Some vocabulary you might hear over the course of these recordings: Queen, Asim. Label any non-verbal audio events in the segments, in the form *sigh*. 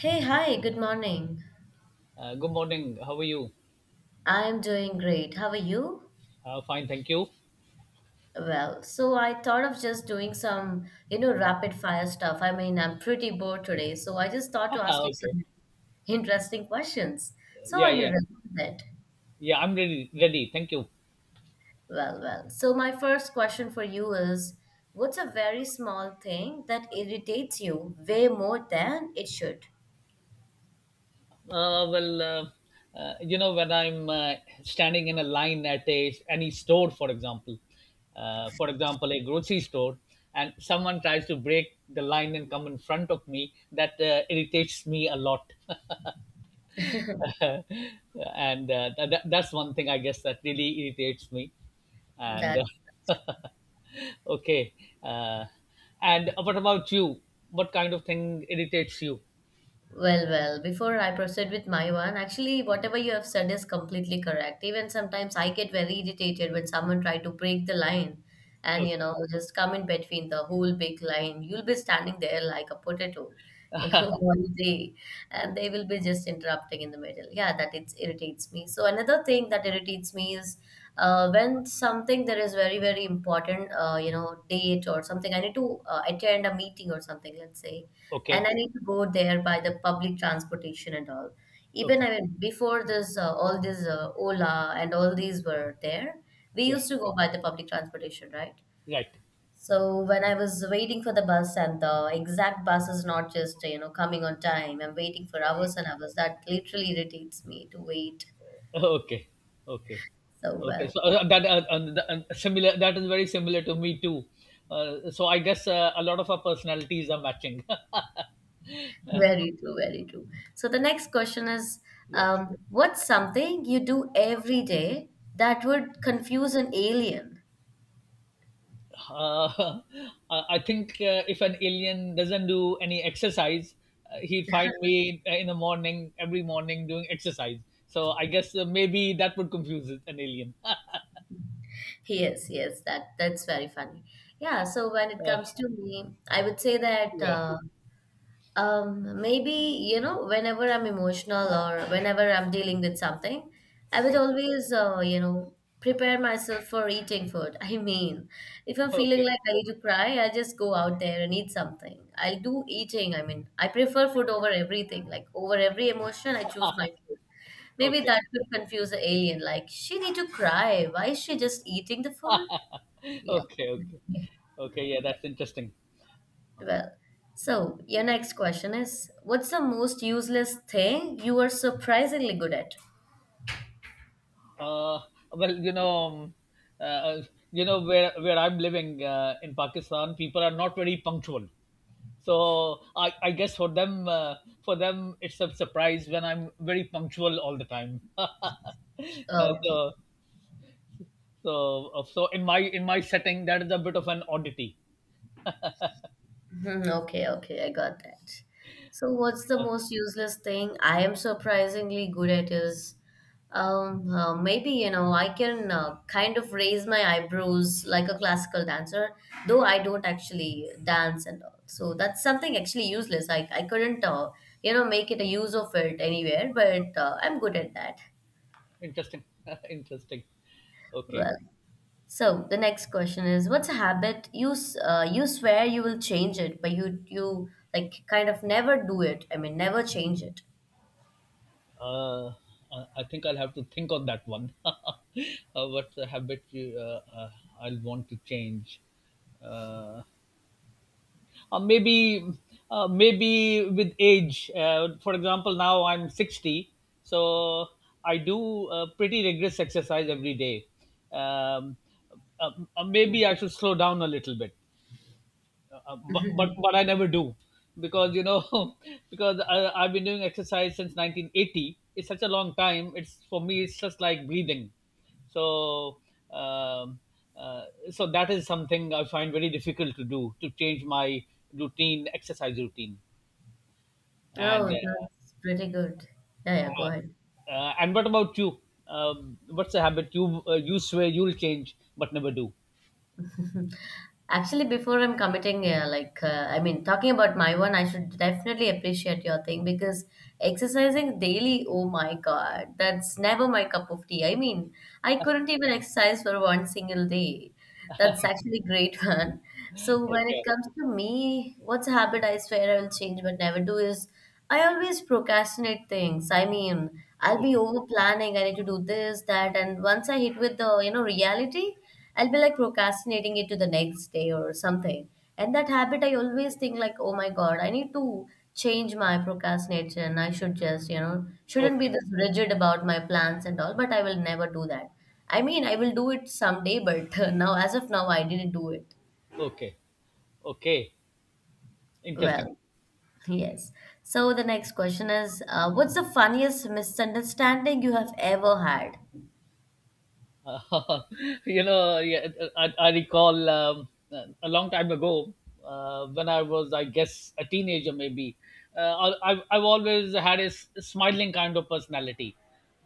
Hey, hi, good morning. Good morning. How are you? I'm doing great. How are you? Fine, thank you. *laughs* Well, so I thought of just doing some, you know, rapid fire stuff. I mean, I'm pretty bored today, so I just thought to ask you Okay. some interesting questions. So, Yeah, are you yeah, ready for that? yeah. I'm ready. Ready. Thank you. So, my first question for you is, what's a very small thing that irritates you way more than it should? Well, you know, when I'm standing in a line at a any store, for example, a grocery store, and someone tries to break the line and come in front of me, that irritates me a lot. *laughs* And that's one thing I guess that really irritates me. And That's uh, *laughs* Okay. Uh, and what about you? What kind of thing irritates you? Before I proceed with my one, actually, whatever you have said is completely correct. Even sometimes I get very irritated when someone try to break the line and, you Okay. know, just come in between the whole big line. You'll be standing there like a potato, you know, *laughs* all day, and they will be just interrupting in the middle. Yeah, that it irritates me. So another thing that irritates me is when something there is very, very important, you know, date or something, I need to attend a meeting or something, let's say and Okay. I need to go there by the public transportation and all. Even Okay. I mean, before this, all these Ola and all these were there. We Yeah. used to go by the public transportation, right? Right. *laughs* So when I was waiting for the bus and the exact bus is not just, you know, coming on time, I'm waiting for hours and hours. That literally irritates me to wait Okay. Okay. so Okay. well. So that the- similar. That is very similar to me too. So I guess a lot of our personalities are matching. Very true, very true. So the next question is, *laughs* Yeah. What's something you do every day that would confuse an alien? Uh, *laughs* I think if an alien doesn't do any exercise, he'd find me in the morning, every morning doing exercise. So I guess maybe that would confuse an alien. Yes, yes, that's very funny. Yeah, so when it Uh, comes to me, I would say that yeah. Maybe, you know, whenever I'm emotional or whenever I'm dealing with something, I would Okay. always, you know, prepare myself for eating food. *laughs* I mean, if I'm feeling Okay. like I need to cry, I just go out there and eat something. I'll do eating. I mean, I prefer food over everything. Like, over every emotion, I choose my food. Maybe Okay. that could confuse the alien. Like, she need to cry. Why is she just eating the food? Okay. Yeah. Okay. *laughs* Okay. Yeah, that's interesting. Well, so your next question is what's the most useless thing you are surprisingly good at? Uh, well, uh, you know where I'm living in Pakistan, people are not very punctual. So I guess for them it's a surprise when I'm very punctual all the time. *laughs* Okay. so so so in my setting that is a bit of an oddity. Mhm, okay, okay, I got that. So what's the most useless thing I am surprisingly good at is maybe you know I can kind of raise my eyebrows like a classical dancer though I don't actually dance and all. So that's something actually useless. I couldn't you know make it a use of it anywhere, but I'm good at that. Interesting. *laughs* Interesting. Okay. Well, so the next question is, what's a habit you you swear you will change it, but you like kind of never do it. I mean, never change it. Uh, I think I'll have to think on that one. *laughs* What's a habit you, I'll want to change? Uh, uh, maybe, Maybe with age. For example, now I'm 60, so I do pretty rigorous exercise every day. Um, uh, Maybe I should slow down a little bit, but *laughs* I never do, because you know *laughs* because I've been doing exercise since 1980. It's such a long time. It's for me. It's just like breathing. So um, so that is something I find very difficult to do, to change my routine, exercise routine. Oh, And that's pretty good. Yeah, yeah, go ahead. and what about you? What's a habit you swear you'll change but never do? Actually, before I'm committing, yeah, like I mean, talking about my one, I should definitely appreciate your thing because exercising daily, oh my God, that's never my cup of tea. I mean, I couldn't even exercise for one single day. That's actually great *laughs* one. So when it Okay. comes to me, what's a habit I swear I will change but never do is I always procrastinate things. I mean, I'll be Okay. over planning. I need to do this, that, and once I hit with the, you know, reality, I'll be like procrastinating it to the next day or something. And that habit, I always think like, oh my God, I need to change my procrastination. I should just, you know, shouldn't be Okay. this rigid about my plans and all, but I will never do that. I mean, I will do it someday, but *laughs* now, as of now, I didn't do it. Okay. Okay. Interesting. Well, yes. So the next question is, what's the funniest misunderstanding you have ever had? Uh, *laughs* you know, yeah, I recall a long time ago when I was, I guess, a teenager maybe. I've always had a smiling kind of personality.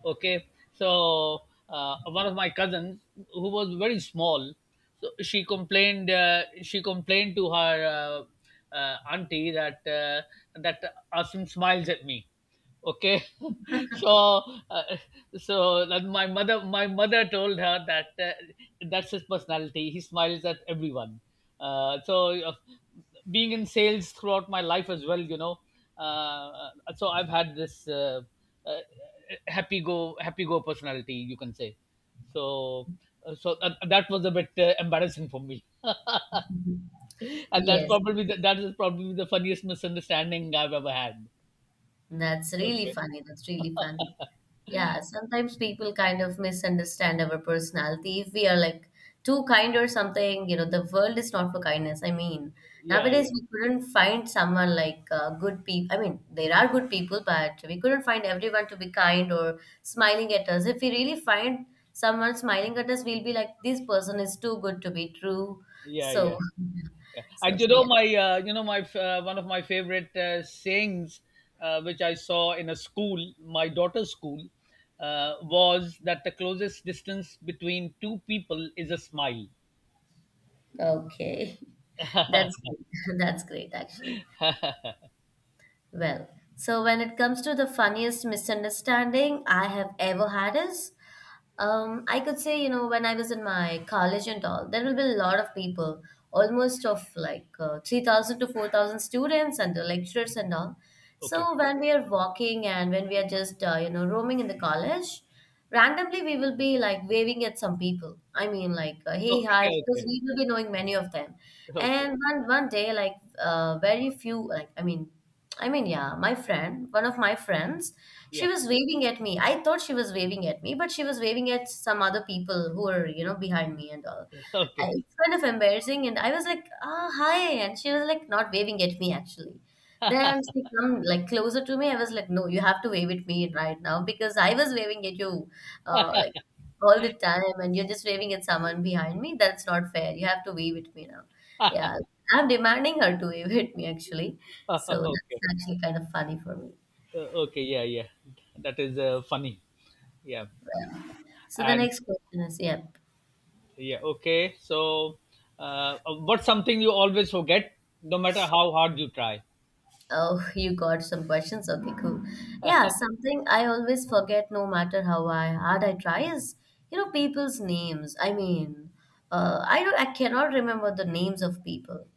Okay. So, one of my cousins, who was very small, so she complained to her auntie that Asim smiles at me. Okay. *laughs* so uh, so that, my mother told her that that's his personality, he smiles at everyone. uh, so uh, Being in sales throughout my life as well, you know, uh, so I've had this uh, happy go personality, you can say. So uh, so uh, that was a bit embarrassing for me. *laughs* and that's Yes. probably the, that is probably the funniest misunderstanding I've ever had. That's really Okay. funny. That's really funny. Yeah, sometimes people kind of misunderstand our personality. If we are like too kind or something, you know, the world is not for kindness. I mean, Yeah, nowadays yeah, we couldn't find someone like good people. I mean, there are good people, but we couldn't find everyone to be kind or smiling at us. If we really find someone smiling at us, we'll be like, this person is too good to be true. yeah, So, yeah. Yeah. *laughs* so, And so yeah. You know my, one of my favorite sayings, which I saw in a school, my daughter's school, was that the closest distance between two people is a smile. Okay. *laughs* *laughs* That's Okay, great. *laughs* That's great, actually. Well, so when it comes to the funniest misunderstanding I have ever had is, I could say, you know, when I was in my college and all, there will be a lot of people, almost of like 3,000 to 4,000 students and the lecturers and all. okay, So when we are walking and when we are just, you know, roaming in the college, randomly we will be like waving at some people. I mean, like, hey, hi, okay, because we will be knowing many of them. okay, And one day, like very few, yeah, my friend, one of my friends, she yeah, was waving at me. I thought she was waving at me, but she was waving at some other people who were, you know, behind me and all. I, okay, it's kind of embarrassing, and I was like, "Ah, hi," and she was like not waving at me actually. Then she come like closer to me. I was like, "No, you have to wave at me right now because I was waving at you, like all the time, and you're just waving at someone behind me. That's not fair. You have to wave at me now." Yeah, I'm demanding her to evade me actually. So *laughs* that's okay. actually kind of funny for me. Okay, yeah, yeah. That is funny. Yeah, So the and next question is, yeah. yeah, okay. So, uh, what's something you always forget, no matter how hard you try? Oh, *laughs* you got some questions. Okay, cool. Yeah, something I always forget no matter how I hard I try is, you know, people's names. I mean, I cannot remember the names of people.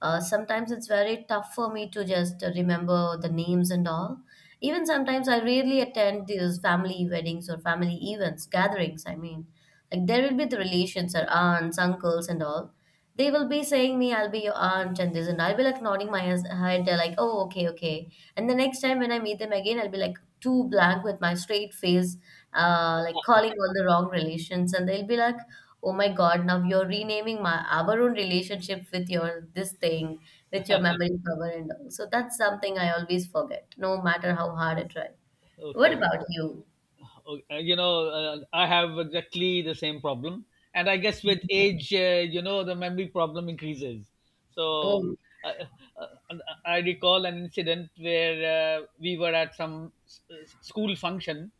Sometimes it's very tough for me to just remember the names and all. Even sometimes I rarely attend these family weddings or family events, gatherings, I mean. Like there will be the relations or aunts, uncles and all. They will be saying me, I'll be your aunt and this, and I'll be like nodding my head, are like, oh, okay, okay. And the next time when I meet them again, I'll be like too blank with my straight face, like calling all the wrong relations, and they'll be like, oh my God, now you're renaming my our own relationship with your this thing, with your memory cover and all. So that's something I always forget, no matter how hard I try. What Okay. about you? You know, I have exactly the same problem, and I guess with age, you know, the memory problem increases. So Oh. uh, uh, uh, I recall an incident where we were at some school function,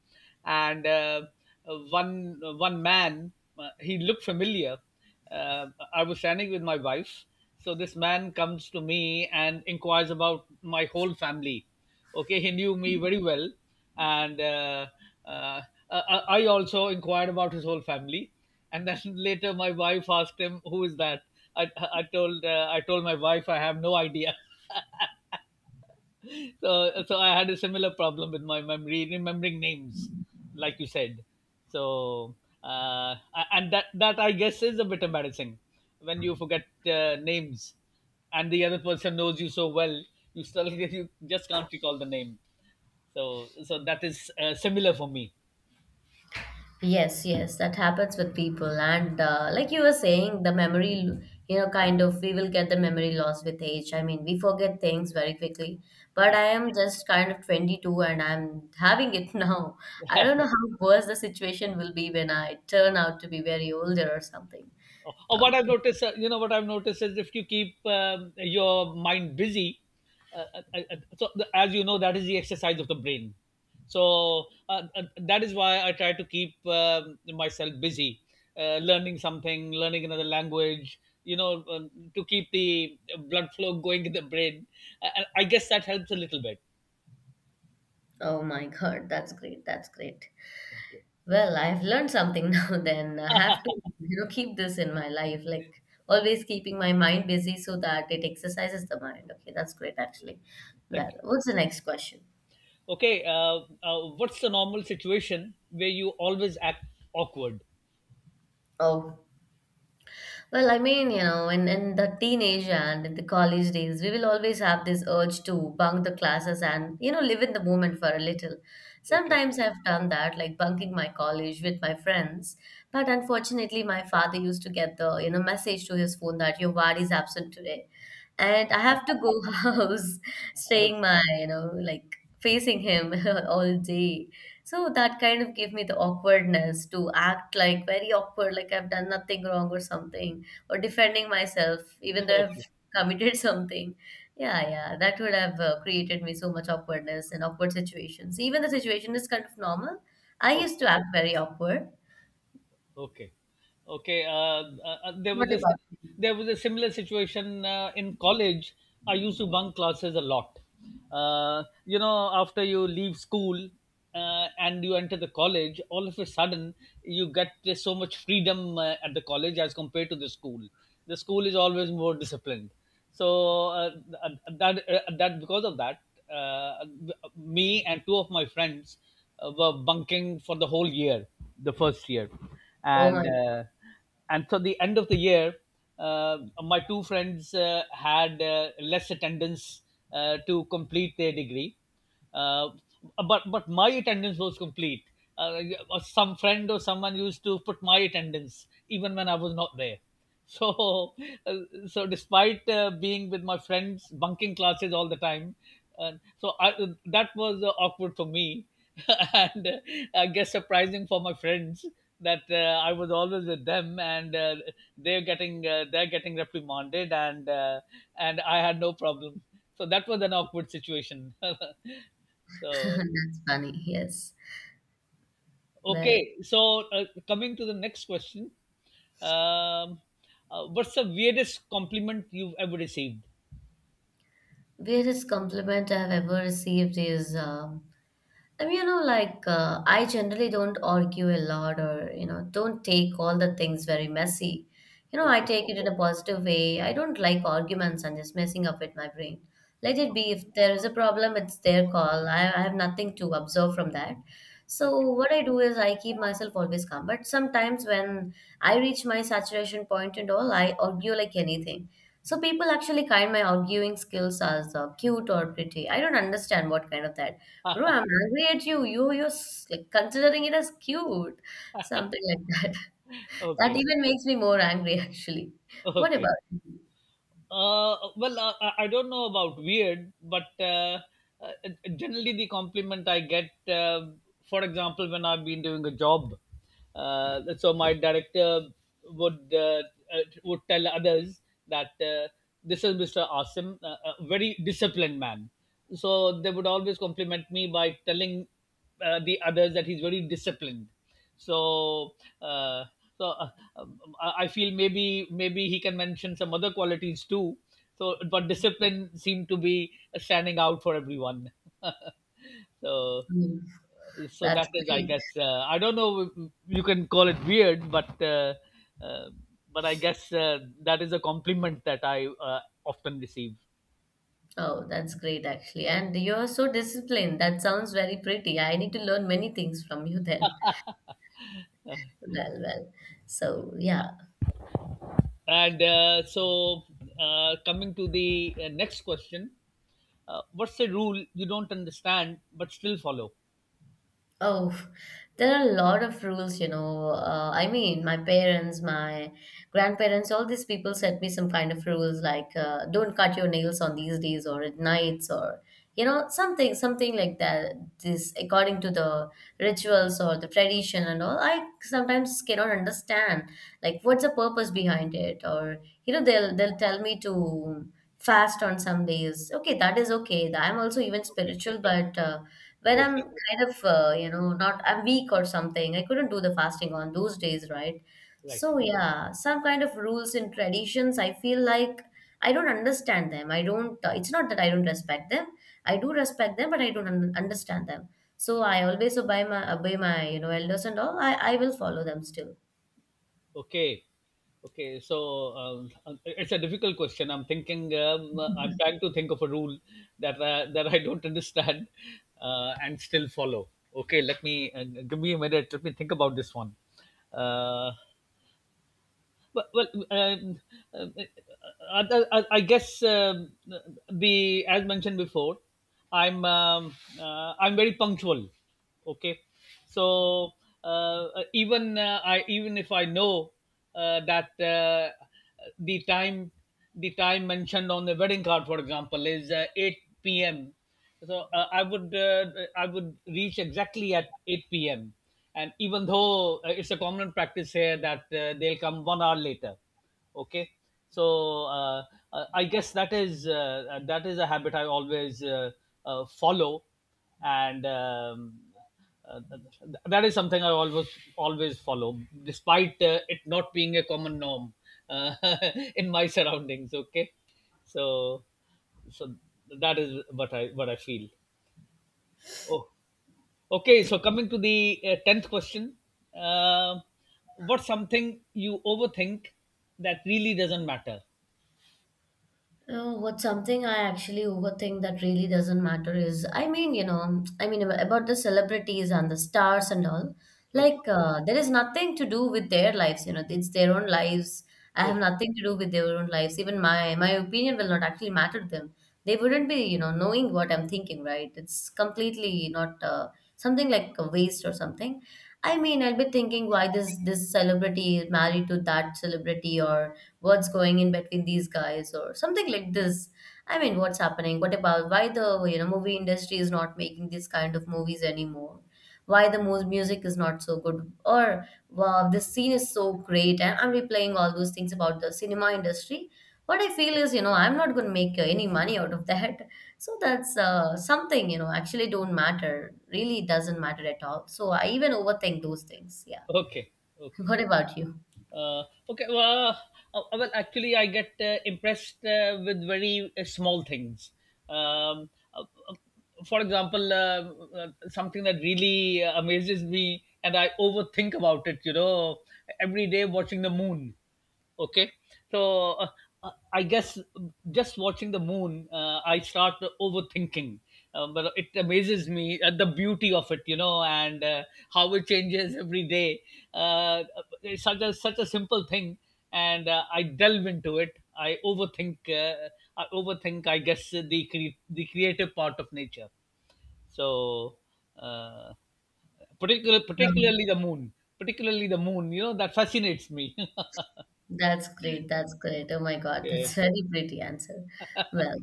and one man, he looked familiar. Uh, I was standing with my wife, so this man comes to me and inquires about my whole family. Okay, he knew me very well, and uh, uh, uh, i I also inquired about his whole family. And then *laughs* later my wife asked him, who is that? I, I told uh, i told my wife I have no idea. *laughs* so so I had a similar problem with my memory, remembering names, like you said. So uh, a- and that I guess is a bit embarrassing when you forget names and the other person knows you so well, you still *laughs* you just can't recall the name. So that is similar for me. Yes, yes, that happens with people. And like you were saying, the memory, you know, kind of, we will get the memory loss with age. I mean, we forget things very quickly. But Yeah. I am just kind of 22 and I'm having it *laughs* now. I don't know how worse the situation will be when I turn out to be very older or something. *laughs* or what I've Okay. noticed you know what I've noticed is, if you keep your mind busy, as you know, that is the exercise of the brain. So uh, uh, that is why I try to keep myself busy, learning something, learning another language, you know, um, to keep the blood flow going in the brain. I guess that helps a little bit. Oh my God, that's great. That's great. Well, I've learned something *laughs* now then. I have to, you know, keep this in my life, like always keeping my mind busy so that it exercises the mind. Okay, that's great actually. Thank Well, you. what's the next question? Okay. What's the normal situation where you always act awkward? Oh, well, I mean, you know, in the teenage and in the college days, we will always have this urge to bunk the classes and, you know, live in the moment for a little. Okay. Sometimes I've done that, like bunking my college with my friends. But unfortunately, my father used to get the, you know, message to his phone that your ward is absent today. And I have to go *laughs* house, *laughs* Okay, staying my, you know, like facing him *laughs* all day. So that kind of gave me the awkwardness to act like very awkward, like I've done nothing wrong or something or defending myself, even though I've okay, committed *laughs* something. Yeah, yeah, that would have created me so much awkwardness and awkward situations. Even the situation is kind of normal. I okay. used to act very awkward. Okay, okay. What about? There was a similar situation in college. I used to bunk classes a lot. You know, after you leave school, and you enter the college, all of a sudden, you get there's so much freedom at the college as compared to the school. The school is always more disciplined. So th- that that because of that, uh, me and two of my friends were bunking for the whole year, the first year, Oh my, and uh, and so the end of the year, my two friends had less attendance to complete their degree, uh, but my attendance was complete. Uh, or some friend or someone used to put my attendance even when I was not there. So *laughs* so despite being with my friends bunking classes all the time, uh, so I, that was awkward for me. *laughs* And I guess surprising for my friends that I was always with them, and they're getting reprimanded, and I had no problem. So that was an awkward situation. *laughs* *laughs* so that's funny. Yes. Well, okay, so coming to the next question: um, what's the weirdest compliment you've ever received? weirdest compliment I've ever received is I mean, you know, like I generally don't argue a lot or, you know, don't take all the things very messy. You know, I take it in a positive way. I don't like arguments and just messing up with my brain. Let it be. If there is a problem, it's their call. I have nothing to observe from that. So Okay. what I do is I keep myself always calm. But sometimes when I reach my saturation point and all, I argue like anything. So people actually kind my arguing skills as cute or pretty. I don't understand what kind of that. Bro, *laughs* I'm angry at you. You're like considering it as cute, something like that. *laughs* That Okay. even makes me more angry, actually. What Okay. about you? Well, I don't know about weird, but uh, generally the compliment I get, for example, when I've been doing a job, so my director would uh, would tell others that, this is Mr. Asim, a very disciplined man. So they would always compliment me by telling the others that he's very disciplined. So, uh, so I feel, maybe he can mention some other qualities too. So, but discipline seemed to be standing out for everyone. *laughs* so, Mm, so that's that is, I great. guess, I don't know if you can call it weird, uh, but I guess that is a compliment that I often receive. Oh, that's great, actually. And you're so disciplined. That sounds very pretty. I need to learn many things from you *laughs* then. Well, well. So, yeah. And so, coming to the next question: what's the rule you don't understand but still follow? Oh, there are a lot of rules, you know. I mean, my parents, my grandparents, all these people set me some kind of rules like don't cut your nails on these days or at nights or you know something like that. This according to the rituals or the tradition and all. I sometimes cannot understand like what's the purpose behind it or you know they'll tell me to fast on some days. Okay, that is okay. I'm also even Okay. spiritual, but. When I'm Okay. kind of you know not I'm weak or something. I couldn't do the fasting on those days, right? Right. So yeah, some kind of rules and traditions. I feel like I don't understand them. I don't. It's not that I don't respect them. I do respect them, but I don't understand them. So I always obey my you know elders and all. I will follow them still. Okay. Okay. So, it's a difficult question. I'm thinking. I'm trying to think of a rule that I don't understand and still follow. Okay. Let me Give me a minute. Let me think about this one. Uh, Well, well I guess, the as mentioned before, I'm very punctual. Okay, so uh, even, I even if I know that the time the time mentioned on the wedding card, for example, is 8 p.m. So I would reach exactly at 8 p.m., and even though it's a common practice here that they'll come 1 hour later. Okay, so I guess that is that is a habit I always follow, and um, uh, th- that is something I always follow, despite it not being a common norm, uh, *laughs* in my surroundings. Okay, so so that is what I feel. Oh, okay. So coming to the tenth question: uh, what's something you overthink that really doesn't matter? Oh, what's something I actually overthink that really doesn't matter is, I mean, you know, I mean about the celebrities and the stars and all. Okay, Like, there is nothing to do with their lives, you know, it's their own lives. I have okay, nothing to do with their own lives. Even my opinion will not actually matter to them. They wouldn't be, you know, knowing what I'm thinking, right? It's completely not something like a waste or something. I mean, I'll be thinking why this celebrity is married to that celebrity or what's going in between these guys or something like this. I mean what's happening, what about, why the you know movie industry is not making this kind of movies anymore, why the music is not so good, or wow this scene is so great and I'm replaying all those things about the cinema industry. What I feel is, you know, I'm not going to make any money out of that. *laughs* So that's something you know actually don't matter, really doesn't matter at all. So I even overthink those things, yeah. okay, *laughs* okay. What about you? Uh, okay. Well, actually, I get impressed with very small things. Um, uh, uh, for example, something that really amazes me, and I overthink about it. You know, every day watching the moon. Okay, so I guess just watching the moon, I start overthinking, but it amazes me at the beauty of it, you know, and how it changes every day. uh, it's such a simple thing, and I delve into it, I overthink. uh, I overthink, I guess, the creative part of nature. So uh, Um, particularly the moon, particularly the moon, you know, that fascinates me. *laughs* That's great. That's great. Oh my God, Yeah. that's very pretty answer. Well,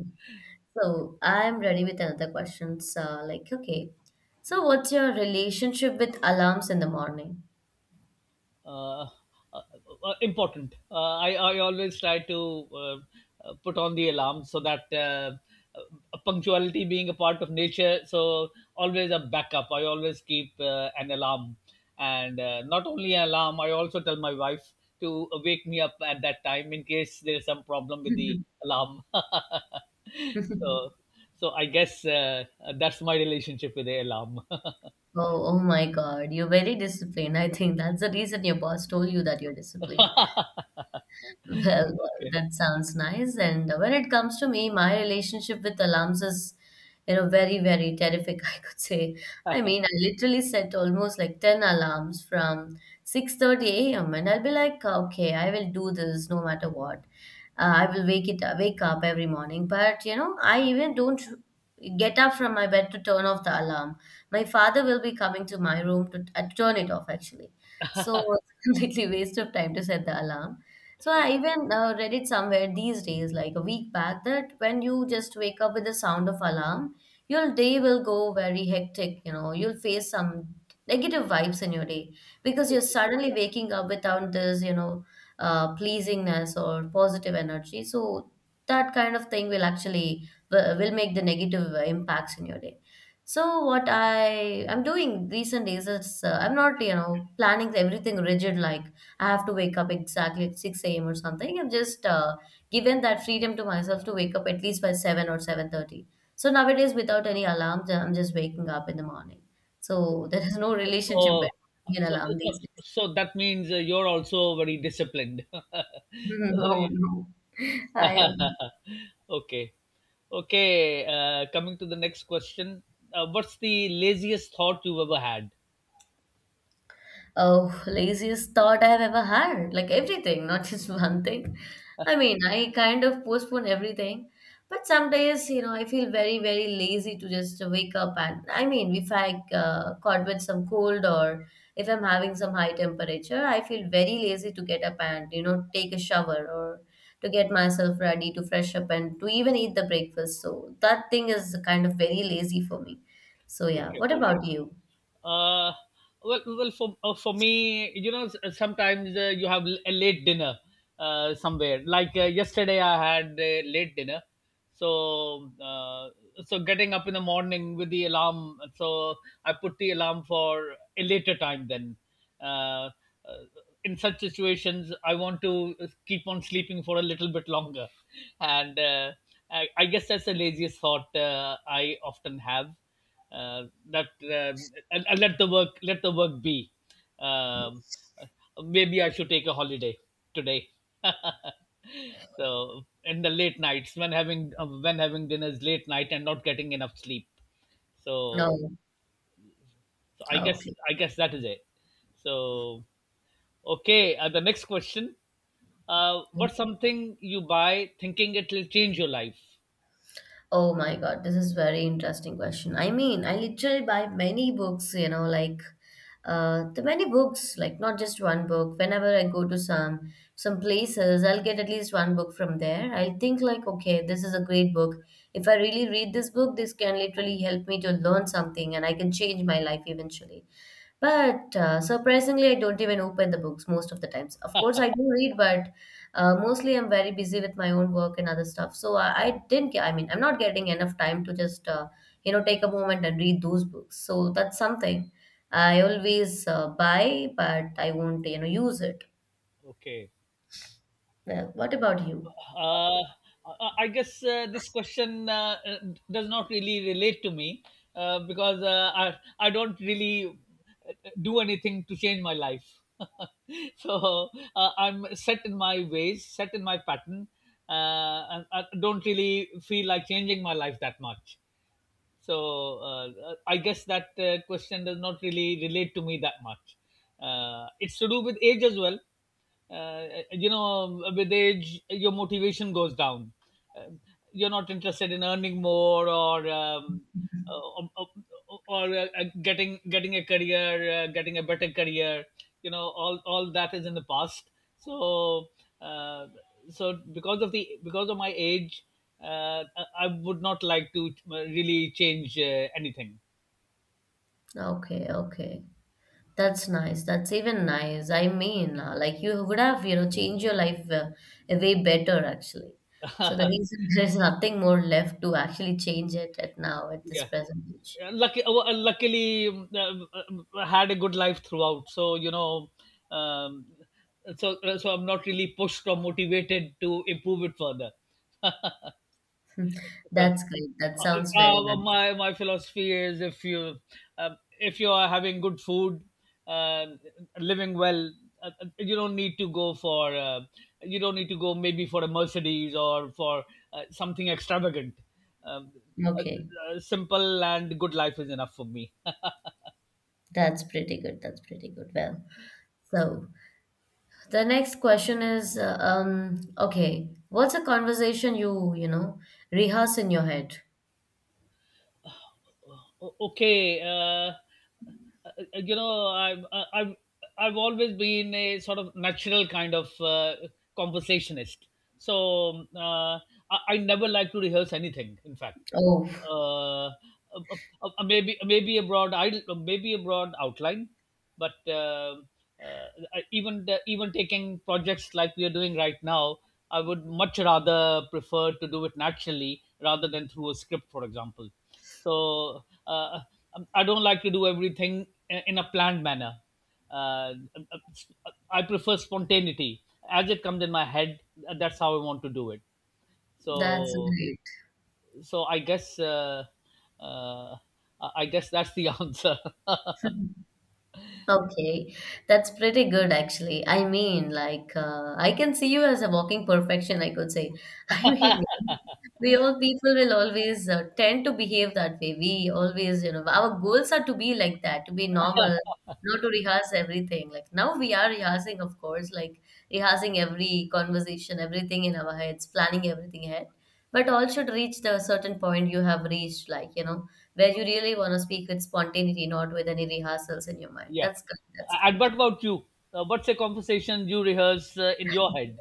so I'm ready with another question. So, like, okay, so what's your relationship with alarms in the morning? uh, uh, Important. I always try to put on the alarm, so that punctuality being a part of nature, so always a backup. I always keep an alarm. And not only an alarm, I also tell my wife to wake me up at that time in case there is some problem with the alarm. *laughs* so, *laughs* so I guess that's my relationship with the alarm. Oh, oh my God, you're very disciplined. I think that's the reason your boss told you that you're disciplined. *laughs* Well, well, Okay. that sounds nice. And when it comes to me, my relationship with alarms is, you know, very, very terrific, *laughs* I could say. I mean, I literally set almost like 10 alarms from 6:30 a.m. and I'll be like, okay, I will do this no matter what. I will wake up every morning, but you know I even don't get up from my bed to turn off the alarm. My father will be coming to my room to turn it off actually. So it's *laughs* completely waste of time to set the alarm. So I even read it somewhere these days, like a week back, that when you just wake up with the sound of alarm your day will go very hectic, you know, you'll face some negative vibes in your day because you're suddenly waking up without this you know pleasingness or positive energy. So that kind of thing will actually will make the negative impacts in your day. So what I'm doing recent days is, I'm not you know planning everything rigid like I have to wake up exactly at 6 a.m. or something. I've just given that freedom to myself to wake up at least by 7 or 7:30. So nowadays without any alarm I'm just waking up in the morning. So *laughs* there is no relationship So, between so, alarm so, these days. so, that means you're also very disciplined. *laughs* No, no. I am. *laughs* Okay, okay. Coming to the next question, what's the laziest thought you've ever had? Oh, laziest thought I've ever had. Like everything, not just *laughs* one thing. I mean, I kind of postpone everything. But some days, you know, I feel very, very lazy to just wake up. And I mean, if I caught with some cold or if I'm having some high temperature, I feel very lazy to get up and, you know, take a shower or to get myself ready to fresh up and to even eat the breakfast. So that thing is kind of very lazy for me. So, yeah. Okay. What about you? Uh, well, for me, you know, sometimes you have a late dinner somewhere. Like yesterday, I had a late dinner, so so getting up in the morning with the alarm. So I put the alarm for a later time. Then, uh, uh, in such situations, I want to keep on sleeping for a little bit longer, and I guess that's the laziest thought I often have, uh, that and, let the work be. um, Maybe I should take a holiday today. *laughs* So in the late nights, when having, when having dinners late night and not getting enough sleep. so, No. so i Ah, guess okay. That is it. So okay, the next question, what's something you buy thinking it will change your life? Oh my God, this is very interesting question. I mean, I literally buy many books, you know, like the many books, like not just one book. Whenever I go to some places, I'll get at least one book from there. I think like, okay, this is a great book. If I really read this book, this can literally help me to learn something and I can change my life eventually. But surprisingly, I don't even open the books most of the times. Of course, I do read, but mostly I'm very busy with my own work and other stuff. So I didn't get, I mean, I'm not getting enough time to just, you know, take a moment and read those books. So that's something I always buy, but I won't, you know, use it. Okay. Yeah. What about you? Uh, I guess this question does not really relate to me, because I don't really, uh, do anything to change my life. *laughs* So I'm set in my ways, set in my pattern. And I don't really feel like changing my life that much. So I guess that question does not really relate to me that much. It's to do with age as well. You know, with age, your motivation goes down. Uh, you're not interested in earning more, or or, or, getting a career, getting a better career. You know, all that is in the past. So. Uh, so because of the, because of my age, I would not like to really change anything. Okay, okay. That's nice. That's even nice. I mean, like you would have, you know, changed your life way better actually. So the *laughs* reason *laughs* there's nothing more left to actually change it at now at this Yeah. present age. Lucky luckily, um, uh, had a good life throughout, so you know. um, so so I'm not really pushed or motivated to improve it further. *laughs* Hmm. So, That's great. That sounds very nice. my my philosophy is, if you, if you are having good food, uh, living well, you don't need to go for, you don't need to go maybe for a Mercedes, or for something extravagant. Um, Okay, a, a simple and good life is enough for me. that's pretty good. That's pretty good. Well, so the next question is, okay, what's a conversation you, you know, rehearse in your head? Okay, you know, I've always been a sort of natural kind of conversationist. So I never like to rehearse anything, in fact. Oh, uh, uh, uh, Maybe a broad idea, maybe a broad outline, but uh, even even taking projects like we are doing right now, I would much rather prefer to do it naturally rather than through a script, for example. So I don't like to do everything in a planned manner. Uh, I prefer spontaneity, as it comes in my head. Uh, that's how I want to do it. So, that's great. so I guess uh, I guess that's the *laughs* answer. *laughs* Okay, that's pretty good actually. I mean, like, I can see you as a walking perfection, I could say. *laughs* I mean, we all people will always tend to behave that way. We always, you know, our goals are to be like that, to be normal, not to rehearse everything. Like, now we are rehearsing, of course, like rehearsing every conversation, everything in our heads, planning everything ahead. But all should reach the certain point you have reached, like, you know, where you really want to speak with spontaneity, not with any rehearsals in your mind. Yeah. That's good. That's And great. what about you? What's a conversation you rehearse in your *laughs* head?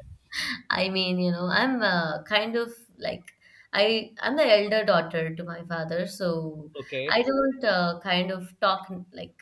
I mean, you know, I'm kind of like I'm the elder daughter to my father, so Okay. I don't kind of talk like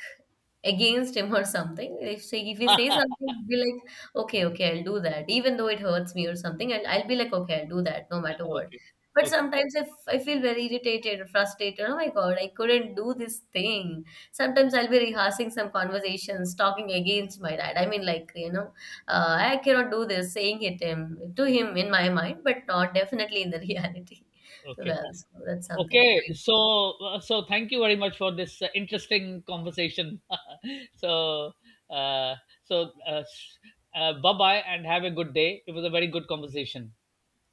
against him or something. If say if he says something, I'll be like, okay, okay, I'll do that, even though it hurts me or something. I'll be like, okay, I'll do that, no *laughs* matter what. Okay. But Okay. sometimes if I feel very irritated or frustrated, oh my God, I couldn't do this thing. Sometimes I'll be rehearsing some conversations, talking against my dad. I mean, like, you know, I cannot do this, saying it him, to him in my mind, but not definitely in the *laughs* reality. Okay. Well, so that's something. Okay. So, so thank you very much for this interesting conversation. *laughs* So, uh, so, uh, s- bye bye and have a good day. It was a very good conversation.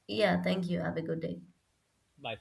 Yeah, thank you. Have a good day. Bye.